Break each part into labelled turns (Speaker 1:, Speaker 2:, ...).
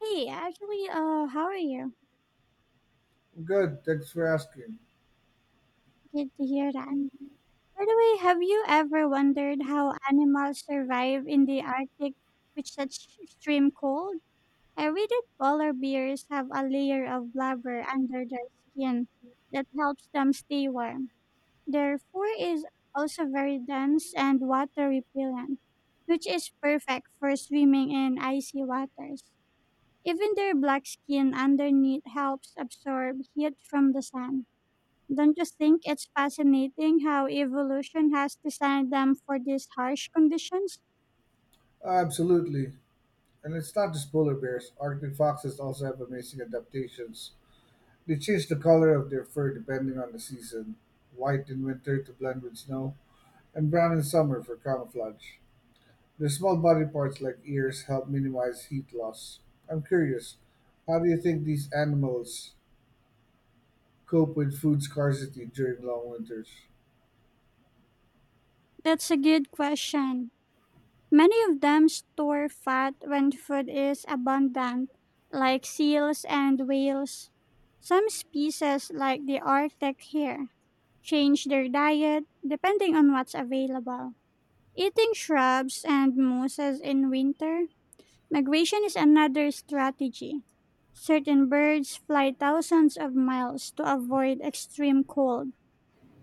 Speaker 1: Hey, actually, how are you?
Speaker 2: Good, thanks for asking.
Speaker 1: Good to hear that. By the way, have you ever wondered how animals survive in the Arctic with such extreme cold? I read that polar bears have a layer of blubber under their skin that helps them stay warm. Their fur is also very dense and water repellent, which is perfect for swimming in icy waters. Even their black skin underneath helps absorb heat from the sun. Don't you think it's fascinating how evolution has designed them for these harsh conditions?
Speaker 2: Absolutely. And it's not just polar bears, Arctic foxes also have amazing adaptations. They change the color of their fur depending on the season, white in winter to blend with snow, and brown in summer for camouflage. Their small body parts, like ears, help minimize heat loss. I'm curious, how do you think these animals cope with food scarcity during long winters?
Speaker 1: That's a good question. Many of them store fat when food is abundant, like seals and whales. Some species, like the Arctic hare, change their diet depending on what's available, eating shrubs and mosses in winter. Migration is another strategy. Certain birds fly thousands of miles to avoid extreme cold.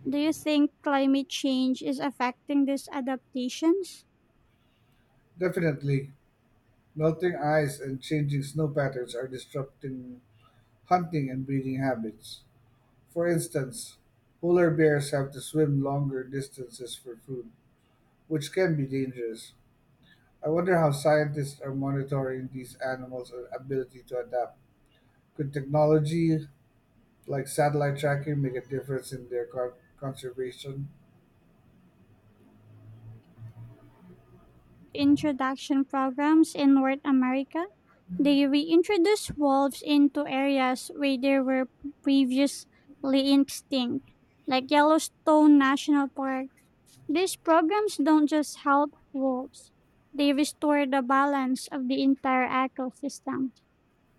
Speaker 1: Do you think climate change is affecting these adaptations?
Speaker 2: Definitely, melting ice and changing snow patterns are disrupting hunting and breeding habits. For instance, polar bears have to swim longer distances for food, which can be dangerous. I wonder how scientists are monitoring these animals' ability to adapt. Could technology like satellite tracking make a difference in their conservation?
Speaker 1: Introduction programs in North America? They reintroduce wolves into areas where they were previously extinct, like Yellowstone National Park. These programs don't just help wolves, they restore the balance of the entire ecosystem.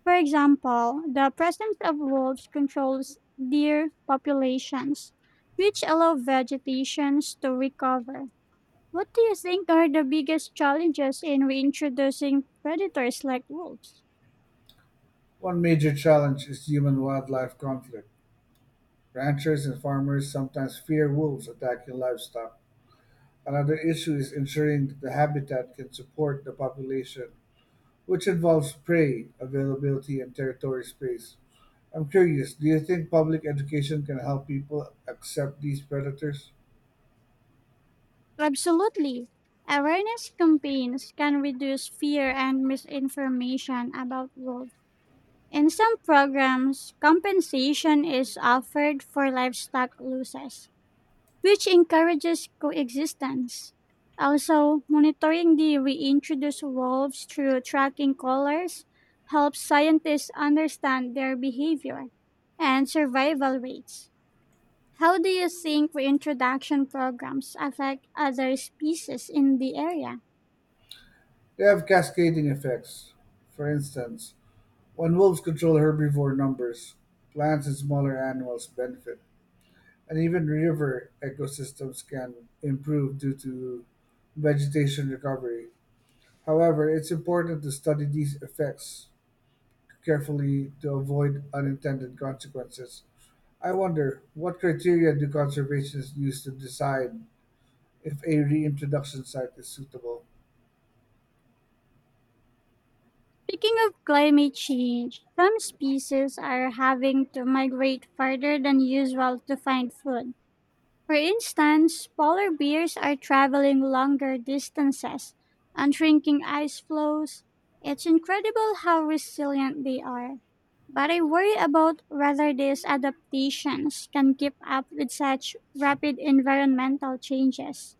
Speaker 1: For example, the presence of wolves controls deer populations, which allow vegetations to recover. What do you think are the biggest challenges in reintroducing predators like wolves?
Speaker 2: One major challenge is human wildlife conflict. Ranchers and farmers sometimes fear wolves attacking livestock. Another issue is ensuring that the habitat can support the population, which involves prey, availability, and territory space. I'm curious, do you think public education can help people accept these predators?
Speaker 1: Absolutely. Awareness campaigns can reduce fear and misinformation about wolves. In some programs, compensation is offered for livestock losses, which encourages coexistence. Also, monitoring the reintroduced wolves through tracking collars helps scientists understand their behavior and survival rates. How do you think reintroduction programs affect other species in the area?
Speaker 2: They have cascading effects. For instance, when wolves control herbivore numbers, plants and smaller animals benefit, and even river ecosystems can improve due to vegetation recovery. However, it's important to study these effects carefully to avoid unintended consequences. I wonder, what criteria do conservationists use to decide if a reintroduction site is suitable?
Speaker 1: Speaking of climate change, some species are having to migrate farther than usual to find food. For instance, polar bears are traveling longer distances and shrinking ice floes. It's incredible how resilient they are. But I worry about whether these adaptations can keep up with such rapid environmental changes.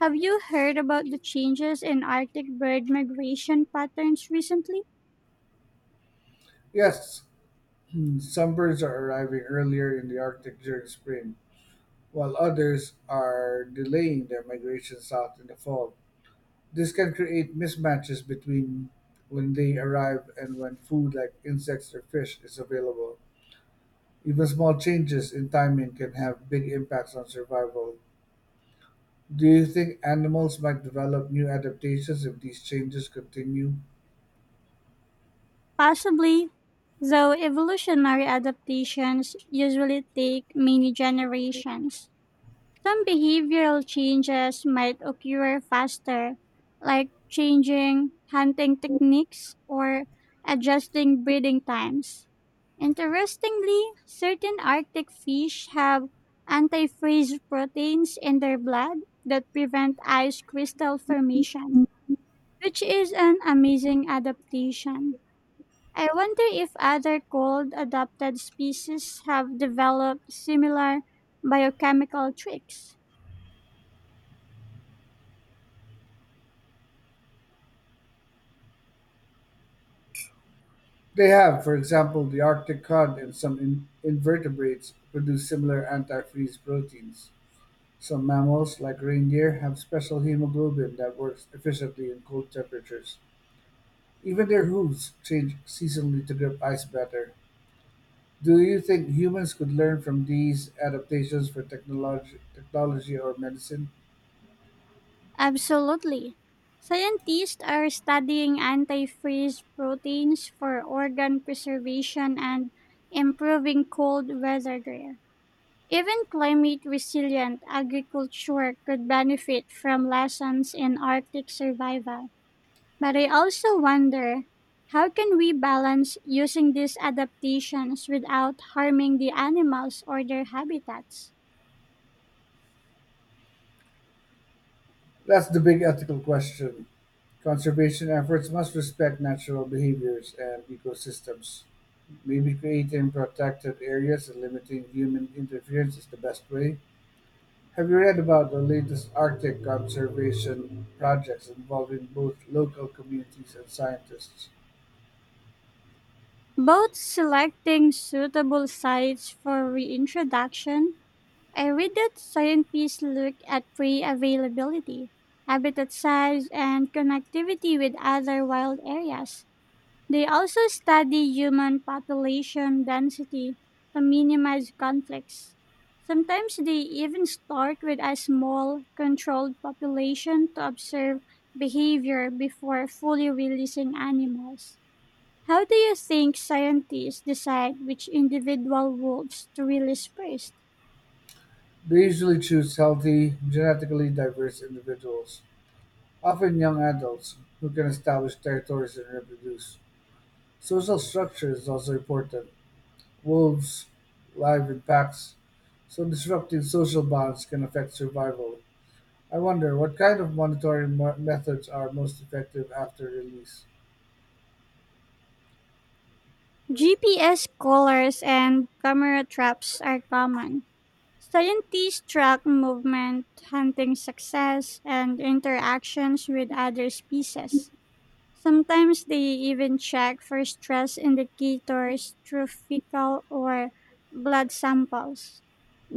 Speaker 1: Have you heard about the changes in Arctic bird migration patterns recently?
Speaker 2: Yes, some birds are arriving earlier in the Arctic during spring, while others are delaying their migration south in the fall. This can create mismatches between when they arrive and when food like insects or fish is available. Even small changes in timing can have big impacts on survival. Do you think animals might develop new adaptations if these changes continue?
Speaker 1: Possibly, though evolutionary adaptations usually take many generations. Some behavioral changes might occur faster, like changing hunting techniques or adjusting breeding times. Interestingly, certain Arctic fish have anti-freeze proteins in their blood that prevent ice crystal formation, which is an amazing adaptation. I wonder if other cold adapted species have developed similar biochemical tricks.
Speaker 2: They have. For example, the Arctic cod and some invertebrates produce similar antifreeze proteins. Some mammals, like reindeer, have special hemoglobin that works efficiently in cold temperatures. Even their hooves change seasonally to grip ice better. Do you think humans could learn from these adaptations for technology or medicine?
Speaker 1: Absolutely. Scientists are studying antifreeze proteins for organ preservation and improving cold weather gear. Even climate resilient agriculture could benefit from lessons in Arctic survival. But I also wonder, how can we balance using these adaptations without harming the animals or their habitats?
Speaker 2: That's the big ethical question. Conservation efforts must respect natural behaviors and ecosystems. Maybe creating protected areas and limiting human interference is the best way. Have you read about the latest Arctic conservation projects involving both local communities and scientists?
Speaker 1: Both selecting suitable sites for reintroduction. I read that scientists look at prey availability, habitat size, and connectivity with other wild areas. They also study human population density to minimize conflicts. Sometimes they even start with a small, controlled population to observe behavior before fully releasing animals. How do you think scientists decide which individual wolves to release first?
Speaker 2: They usually choose healthy, genetically diverse individuals, often young adults, who can establish territories and reproduce. Social structure is also important. Wolves live in packs, so disrupting social bonds can affect survival. I wonder what kind of monitoring methods are most effective after release.
Speaker 1: GPS collars and camera traps are common. Scientists track movement, hunting success, and interactions with other species. Sometimes they even check for stress indicators through fecal or blood samples.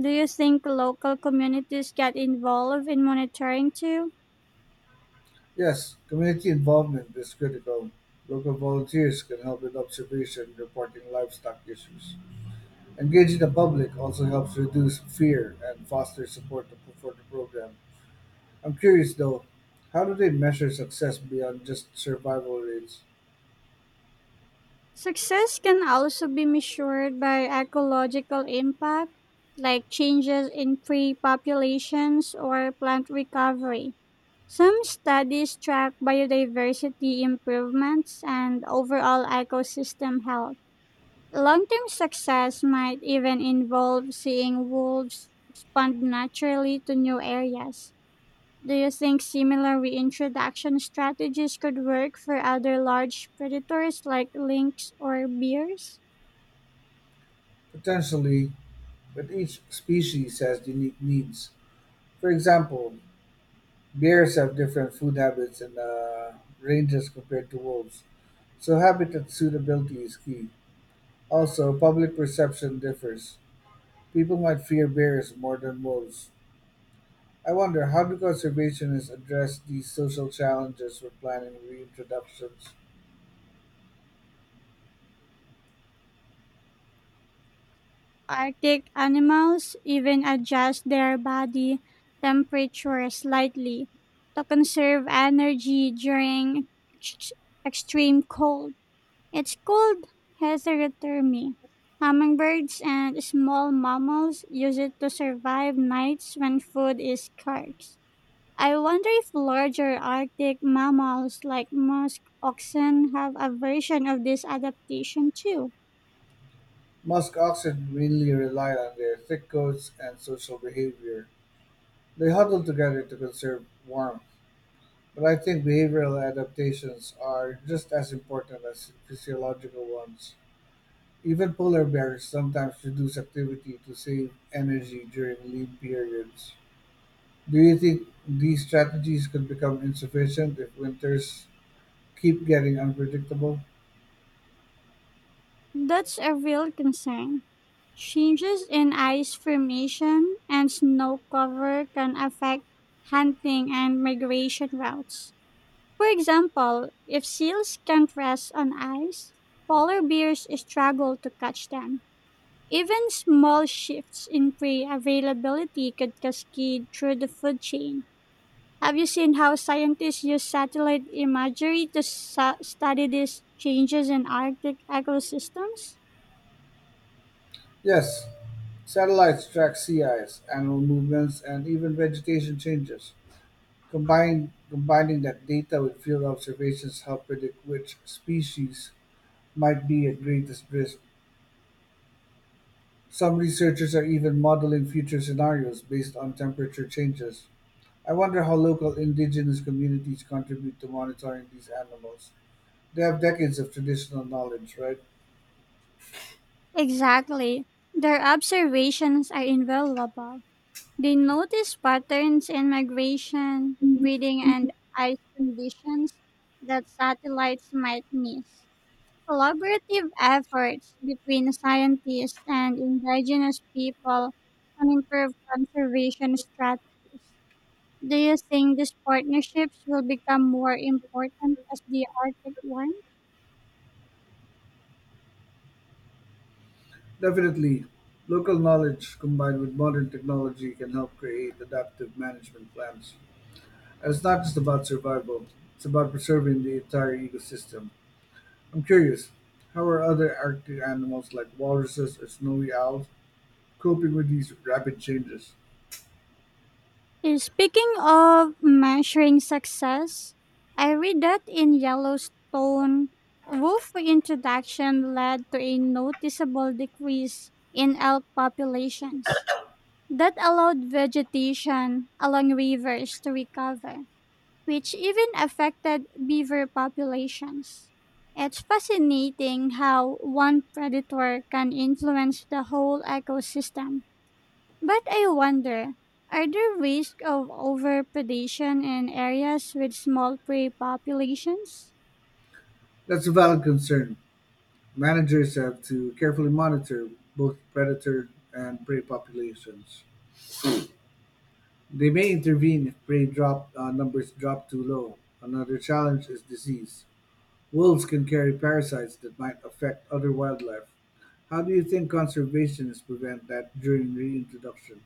Speaker 1: Do you think local communities get involved in monitoring too?
Speaker 2: Yes, community involvement is critical. Local volunteers can help with observation, reporting livestock issues. Engaging the public also helps reduce fear and foster support for the program. I'm curious though, how do they measure success beyond just survival rates?
Speaker 1: Success can also be measured by ecological impact, like changes in tree populations or plant recovery. Some studies track biodiversity improvements and overall ecosystem health. Long term success might even involve seeing wolves expand naturally to new areas. Do you think similar reintroduction strategies could work for other large predators like lynx or bears?
Speaker 2: Potentially, but each species has unique needs. For example, bears have different food habits and ranges compared to wolves, so habitat suitability is key. Also, public perception differs. People might fear bears more than wolves. I wonder, how do conservationists address these social challenges when planning reintroductions?
Speaker 1: Arctic animals even adjust their body temperature slightly to conserve energy during ex- extreme cold. It's called heterothermy. Hummingbirds and small mammals use it to survive nights when food is scarce. I wonder if larger Arctic mammals like musk oxen have a version of this adaptation too.
Speaker 2: Musk oxen mainly rely on their thick coats and social behavior. They huddle together to conserve warmth. But I think behavioral adaptations are just as important as physiological ones. Even polar bears sometimes reduce activity to save energy during lean periods. Do you think these strategies could become insufficient if winters keep getting unpredictable?
Speaker 1: That's a real concern. Changes in ice formation and snow cover can affect hunting and migration routes. For example, if seals can't rest on ice, polar bears struggle to catch them. Even small shifts in prey availability could cascade through the food chain. Have you seen how scientists use satellite imagery to study these changes in Arctic ecosystems?
Speaker 2: Yes, satellites track sea ice, animal movements, and even vegetation changes. Combining that data with field observations help predict which species might be at greatest risk. Some researchers are even modeling future scenarios based on temperature changes. I wonder how local indigenous communities contribute to monitoring these animals. They have decades of traditional knowledge, right?
Speaker 1: Exactly. Their observations are invaluable. They notice patterns in migration, breeding, and ice conditions that satellites might miss. Collaborative efforts between scientists and indigenous people can improve conservation strategies. Do you think these partnerships will become more important as the Arctic one?
Speaker 2: Definitely. Local knowledge combined with modern technology can help create adaptive management plans. And it's not just about survival, it's about preserving the entire ecosystem. I'm curious, how are other Arctic animals like walruses or snowy owls coping with these rapid changes?
Speaker 1: Is? Speaking of measuring success, I read that in Yellowstone, wolf reintroduction led to a noticeable decrease in elk populations that allowed vegetation along rivers to recover, which even affected beaver populations. It's fascinating how one predator can influence the whole ecosystem. But I wonder, are there risks of overpredation in areas with small prey populations?
Speaker 2: That's a valid concern. Managers have to carefully monitor both predator and prey populations. They may intervene if prey drop numbers drop too low. Another challenge is disease. Wolves can carry parasites that might affect other wildlife. How do you think conservationists prevent that during reintroduction?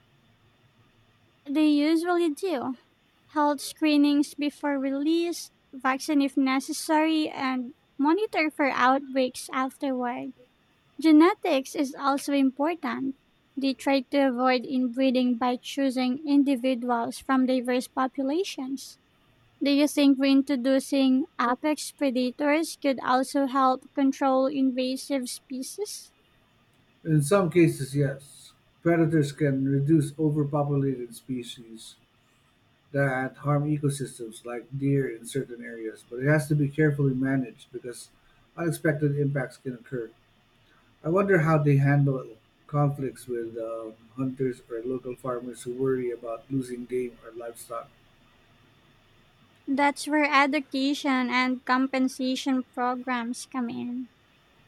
Speaker 1: They usually do. Health screenings before release, vaccine if necessary, and monitor for outbreaks afterward. Genetics is also important. They try to avoid inbreeding by choosing individuals from diverse populations. Do you think reintroducing apex predators could also help control invasive species?
Speaker 2: In some cases, yes. Predators can reduce overpopulated species that harm ecosystems, like deer in certain areas, but it has to be carefully managed because unexpected impacts can occur. I wonder how they handle conflicts with hunters or local farmers who worry about losing game or livestock.
Speaker 1: That's where education and compensation programs come in.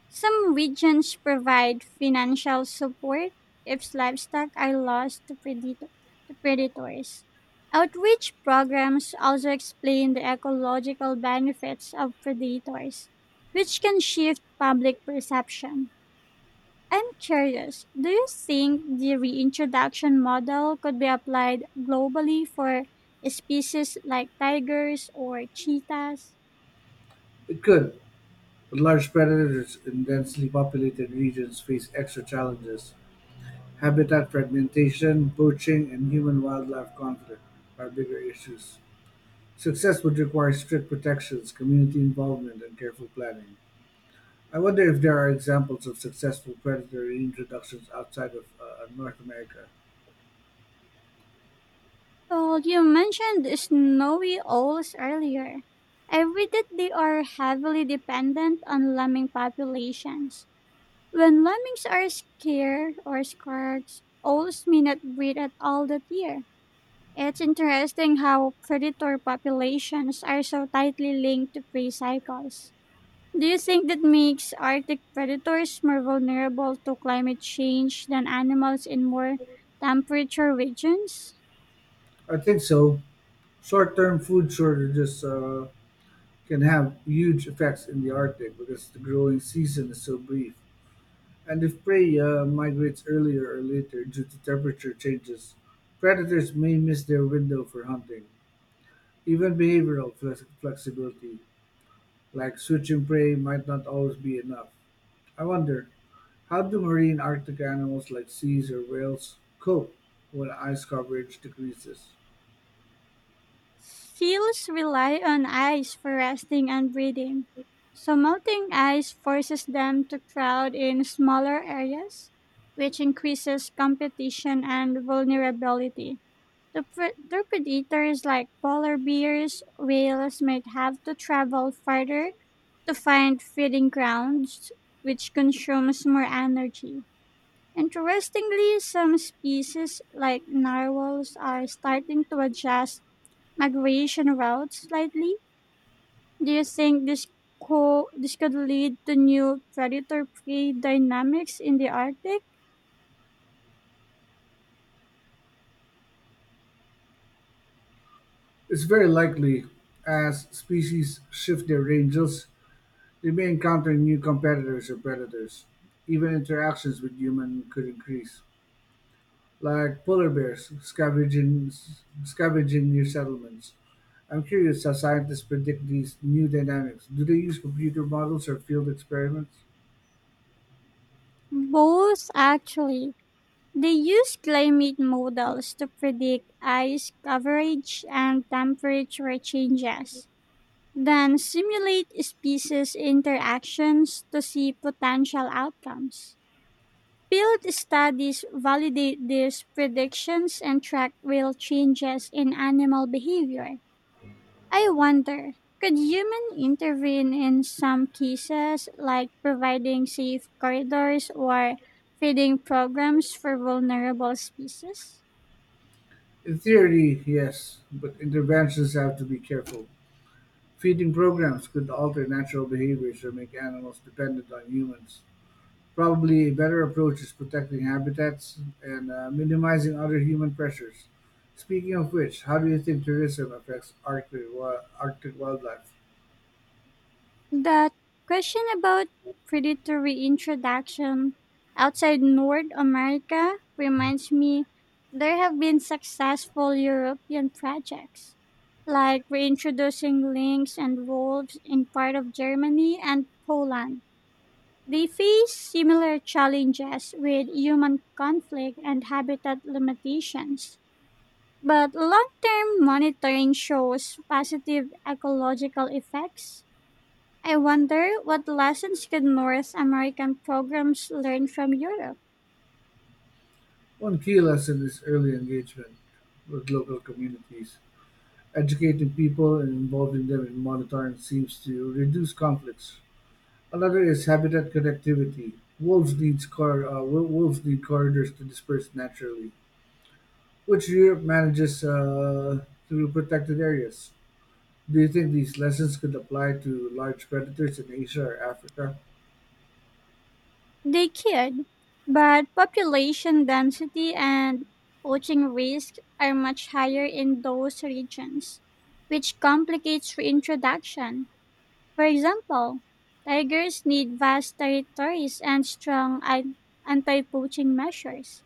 Speaker 1: Some regions provide financial support if livestock are lost to, to predators. Outreach programs also explain the ecological benefits of predators, which can shift public perception. I'm curious, do you think the reintroduction model could be applied globally for species like tigers or cheetahs?
Speaker 2: It could, but large predators in densely populated regions face extra challenges. Habitat fragmentation, poaching, and human wildlife conflict are bigger issues. Success would require strict protections, community involvement, and careful planning. I wonder if there are examples of successful predator reintroductions outside of North America.
Speaker 1: So you mentioned snowy owls earlier. I read that they are heavily dependent on lemming populations. When lemmings are scared or scarce, owls may not breed at all that year. It's interesting how predator populations are so tightly linked to prey cycles. Do you think that makes Arctic predators more vulnerable to climate change than animals in more temperature regions?
Speaker 2: I think so. Short-term food shortages can have huge effects in the Arctic because the growing season is so brief. And if prey migrates earlier or later due to temperature changes, predators may miss their window for hunting. Even behavioral flexibility, like switching prey, might not always be enough. I wonder, how do marine Arctic animals like seals or whales cope when ice coverage decreases?
Speaker 1: Seals rely on ice for resting and breeding, so melting ice forces them to crowd in smaller areas, which increases competition and vulnerability. Their predators like polar bears, whales might have to travel farther to find feeding grounds, which consumes more energy. Interestingly, some species like narwhals are starting to adjust migration routes slightly. Do you think this could lead to new predator prey dynamics in the Arctic?
Speaker 2: It's very likely. As species shift their ranges, they may encounter new competitors or predators. Even interactions with humans could increase, like scavenging near settlements. I'm curious how scientists predict these new dynamics. Do they use computer models or field experiments?
Speaker 1: Both, actually. They use climate models to predict ice coverage and temperature changes, then simulate species interactions to see potential outcomes. Field studies validate these predictions and track real changes in animal behavior. I wonder, could human intervene in some cases, like providing safe corridors or feeding programs for vulnerable species?
Speaker 2: In theory, yes, but interventions have to be careful. Feeding programs could alter natural behaviors or make animals dependent on humans. Probably a better approach is protecting habitats and minimizing other human pressures. Speaking of which, how do you think tourism affects Arctic wildlife?
Speaker 1: That question about predatory introduction outside North America reminds me there have been successful European projects, like reintroducing lynx and wolves in part of Germany and Poland. They face similar challenges with human conflict and habitat limitations, but long term monitoring shows positive ecological effects. I wonder what lessons could North American programs learn from Europe?
Speaker 2: One key lesson is early engagement with local communities. Educating people and involving them in monitoring seems to reduce conflicts. Another is habitat connectivity. Wolves need corridors to disperse naturally, which Europe manages through protected areas. Do you think these lessons could apply to large predators in Asia or Africa?
Speaker 1: They could, but population density and poaching risk are much higher in those regions, which complicates reintroduction. For example, tigers need vast territories and strong anti-poaching measures.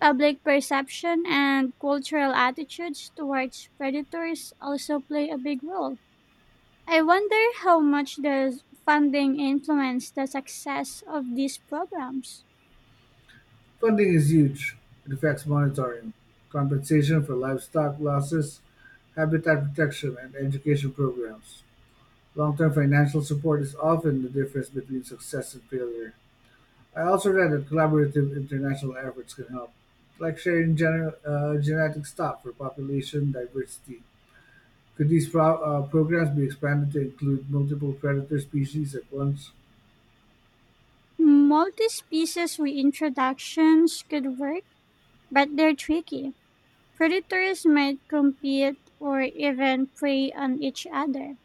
Speaker 1: Public perception and cultural attitudes towards predators also play a big role. I wonder how much does funding influence the success of these programs.
Speaker 2: Funding is huge. It affects monitoring, compensation for livestock losses, habitat protection, and education programs. Long term financial support is often the difference between success and failure. I also read that collaborative international efforts can help, like sharing genetic stock for population diversity. Could these programs be expanded to include multiple predator species at once?
Speaker 1: Multi-species reintroductions could work, but they're tricky. Predators might compete or even prey on each other.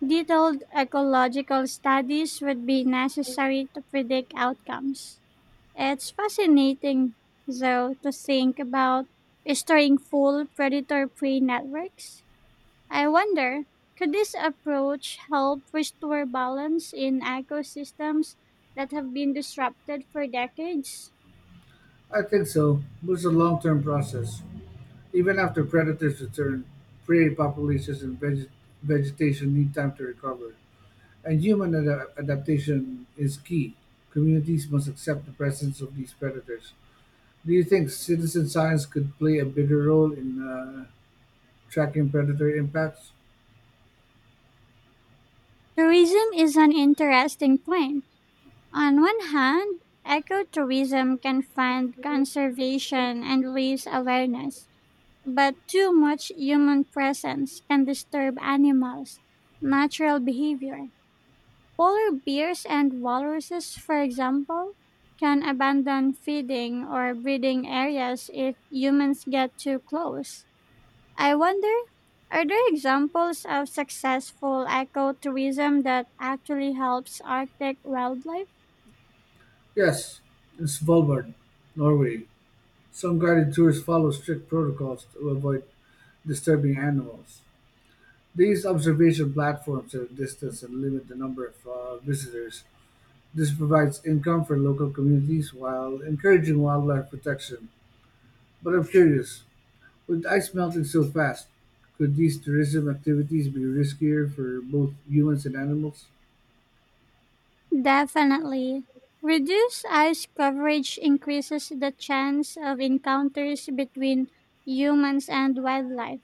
Speaker 1: Detailed ecological studies would be necessary to predict outcomes. It's fascinating, though, to think about restoring full predator prey networks. I wonder, could this approach help restore balance in ecosystems that have been disrupted for decades?
Speaker 2: I think so, but it's a long-term process. Even after predators return, prey populations and vegetation need time to recover. And human adaptation is key. Communities must accept the presence of these predators. Do you think citizen science could play a bigger role in tracking predator impacts?
Speaker 1: Tourism is an interesting point. On one hand, ecotourism can fund conservation and raise awareness. But too much human presence can disturb animals' natural behavior. Polar bears and walruses, for example, can abandon feeding or breeding areas if humans get too close. I wonder, are there examples of successful ecotourism that actually helps Arctic wildlife?
Speaker 2: Yes, in Svalbard, Norway. Some guided tours follow strict protocols to avoid disturbing animals. These observation platforms are distanced and limit the number of visitors. This provides income for local communities while encouraging wildlife protection. But I'm curious, with ice melting so fast, could these tourism activities be riskier for both humans and animals?
Speaker 1: Definitely. Reduced ice coverage increases the chance of encounters between humans and wildlife,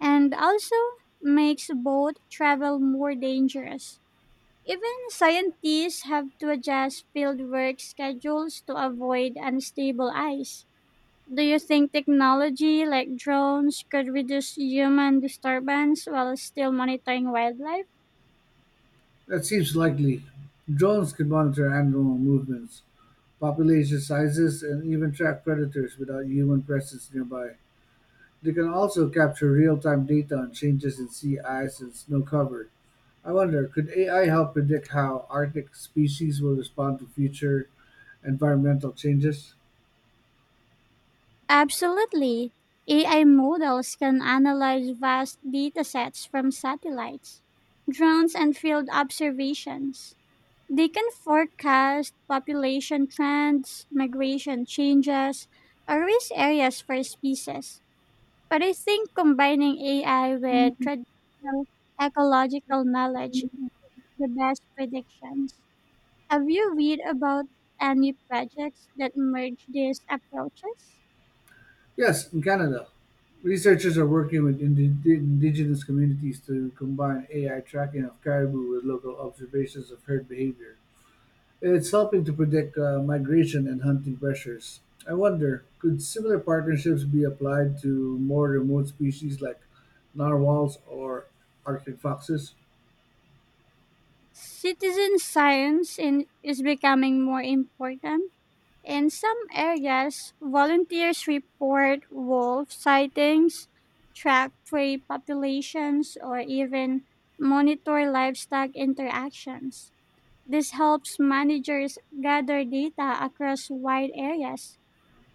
Speaker 1: and also makes boat travel more dangerous. Even scientists have to adjust fieldwork schedules to avoid unstable ice. Do you think technology like drones could reduce human disturbance while still monitoring wildlife?
Speaker 2: That seems likely. Drones could monitor animal movements, population sizes, and even track predators without human presence nearby. They can also capture real-time data on changes in sea ice and snow cover. I wonder, could AI help predict how Arctic species will respond to future environmental changes?
Speaker 1: Absolutely. AI models can analyze vast datasets from satellites, drones, and field observations. They can forecast population trends, migration changes, or risk areas for species. But I think combining AI with traditional ecological knowledge gives the best predictions. Have you read about any projects that merge these approaches?
Speaker 2: Yes, in Canada, researchers are working with indigenous communities to combine AI tracking of caribou with local observations of herd behavior. It's helping to predict migration and hunting pressures. I wonder, could similar partnerships be applied to more remote species like narwhals or Arctic foxes?
Speaker 1: Citizen science is becoming more important. In some areas, volunteers report wolf sightings, track prey populations, or even monitor livestock interactions. This helps managers gather data across wide areas,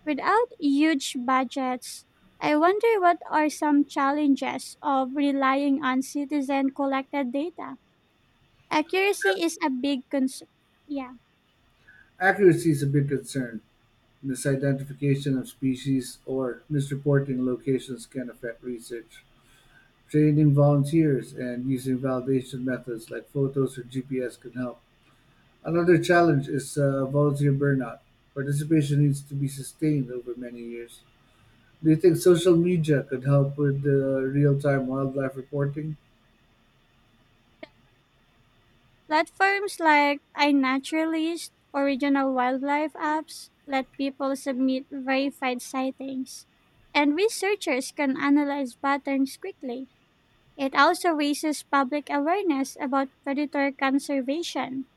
Speaker 1: without huge budgets. I wonder, what are some challenges of relying on citizen collected data? Accuracy is a big concern. Yeah.
Speaker 2: Accuracy is a big concern. Misidentification of species or misreporting locations can affect research. Training volunteers and using validation methods like photos or GPS can help. Another challenge is volunteer burnout. Participation needs to be sustained over many years. Do you think social media could help with the real-time wildlife reporting?
Speaker 1: Platforms like iNaturalist, original wildlife apps, let people submit verified sightings, and researchers can analyze patterns quickly. It also raises public awareness about predator conservation.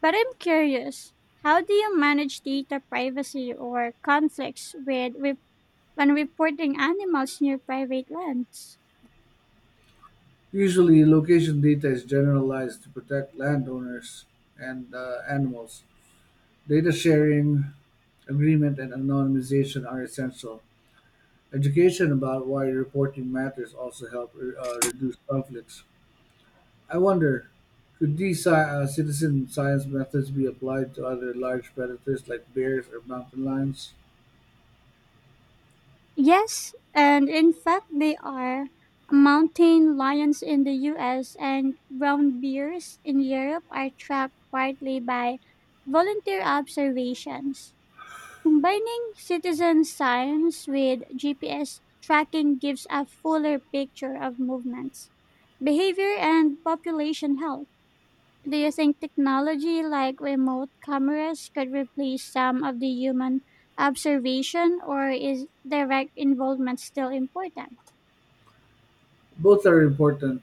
Speaker 1: But I'm curious, how do you manage data privacy or conflicts with when reporting animals near private lands?
Speaker 2: Usually, location data is generalized to protect landowners and animals. Data sharing, agreement, and anonymization are essential. Education about why reporting matters also help reduce conflicts. I wonder, could these citizen science methods be applied to other large predators like bears or mountain lions?
Speaker 1: Yes, and in fact, they are mountain lions in the US and brown bears in Europe are trapped partly by volunteer observations. Combining citizen science with GPS tracking gives a fuller picture of movements, behavior, and population health. Do you think technology like remote cameras could replace some of the human observation, or is direct involvement still important?
Speaker 2: Both are important.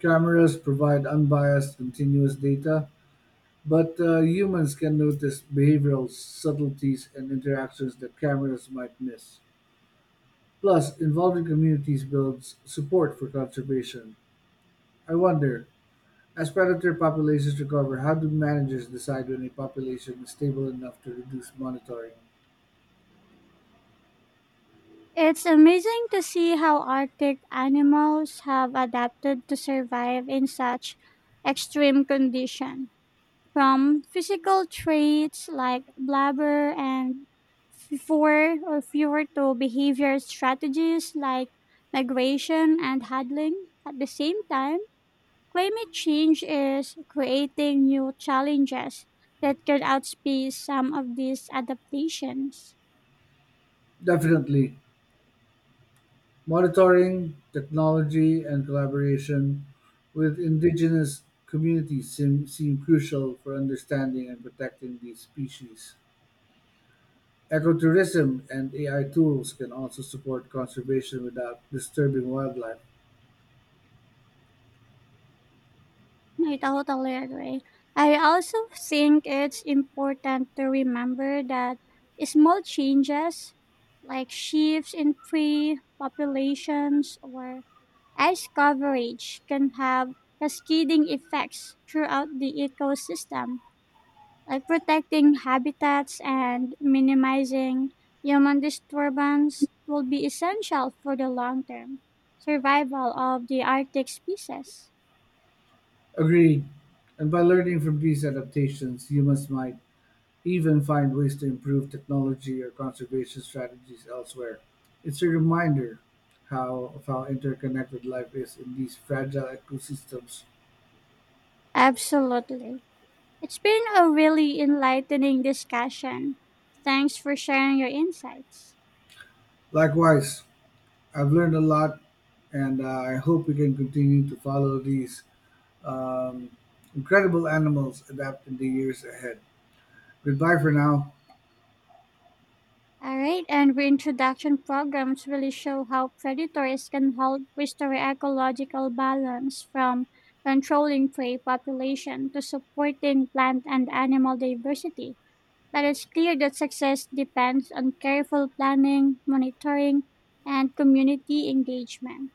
Speaker 2: Cameras provide unbiased, continuous data, but humans can notice behavioral subtleties and interactions that cameras might miss. Plus, involving communities builds support for conservation. I wonder, as predator populations recover, how do managers decide when a population is stable enough to reduce monitoring?
Speaker 1: It's amazing to see how Arctic animals have adapted to survive in such extreme conditions, from physical traits like blubber and fur or fewer to behavior strategies like migration and huddling. At the same time, climate change is creating new challenges that can outpace some of these adaptations.
Speaker 2: Definitely. Monitoring, technology, and collaboration with indigenous communities seem crucial for understanding and protecting these species. Ecotourism and AI tools can also support conservation without disturbing wildlife.
Speaker 1: I totally agree. I also think it's important to remember that small changes like shifts in prey populations or ice coverage can have cascading effects throughout the ecosystem. Like protecting habitats and minimizing human disturbance will be essential for the long term survival of the Arctic species.
Speaker 2: Agreed. And by learning from these adaptations, humans might even find ways to improve technology or conservation strategies elsewhere. It's a reminder of how interconnected life is in these fragile ecosystems.
Speaker 1: Absolutely. It's been a really enlightening discussion. Thanks for sharing your insights.
Speaker 2: Likewise, I've learned a lot, and I hope we can continue to follow these um, incredible animals adapt in the years ahead. Goodbye for now.
Speaker 1: All right, and reintroduction programs really show how predators can help restore ecological balance, from controlling prey population to supporting plant and animal diversity, but it's clear that success depends on careful planning, monitoring, and community engagement.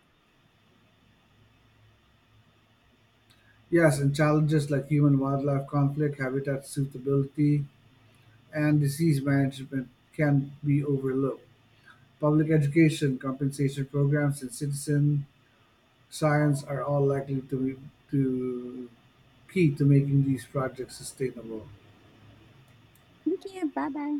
Speaker 2: Yes, and challenges like human wildlife conflict, habitat suitability, and disease management can be overlooked. Public education, compensation programs, and citizen science are all likely to be to key to making these projects sustainable.
Speaker 1: Thank you. Bye bye.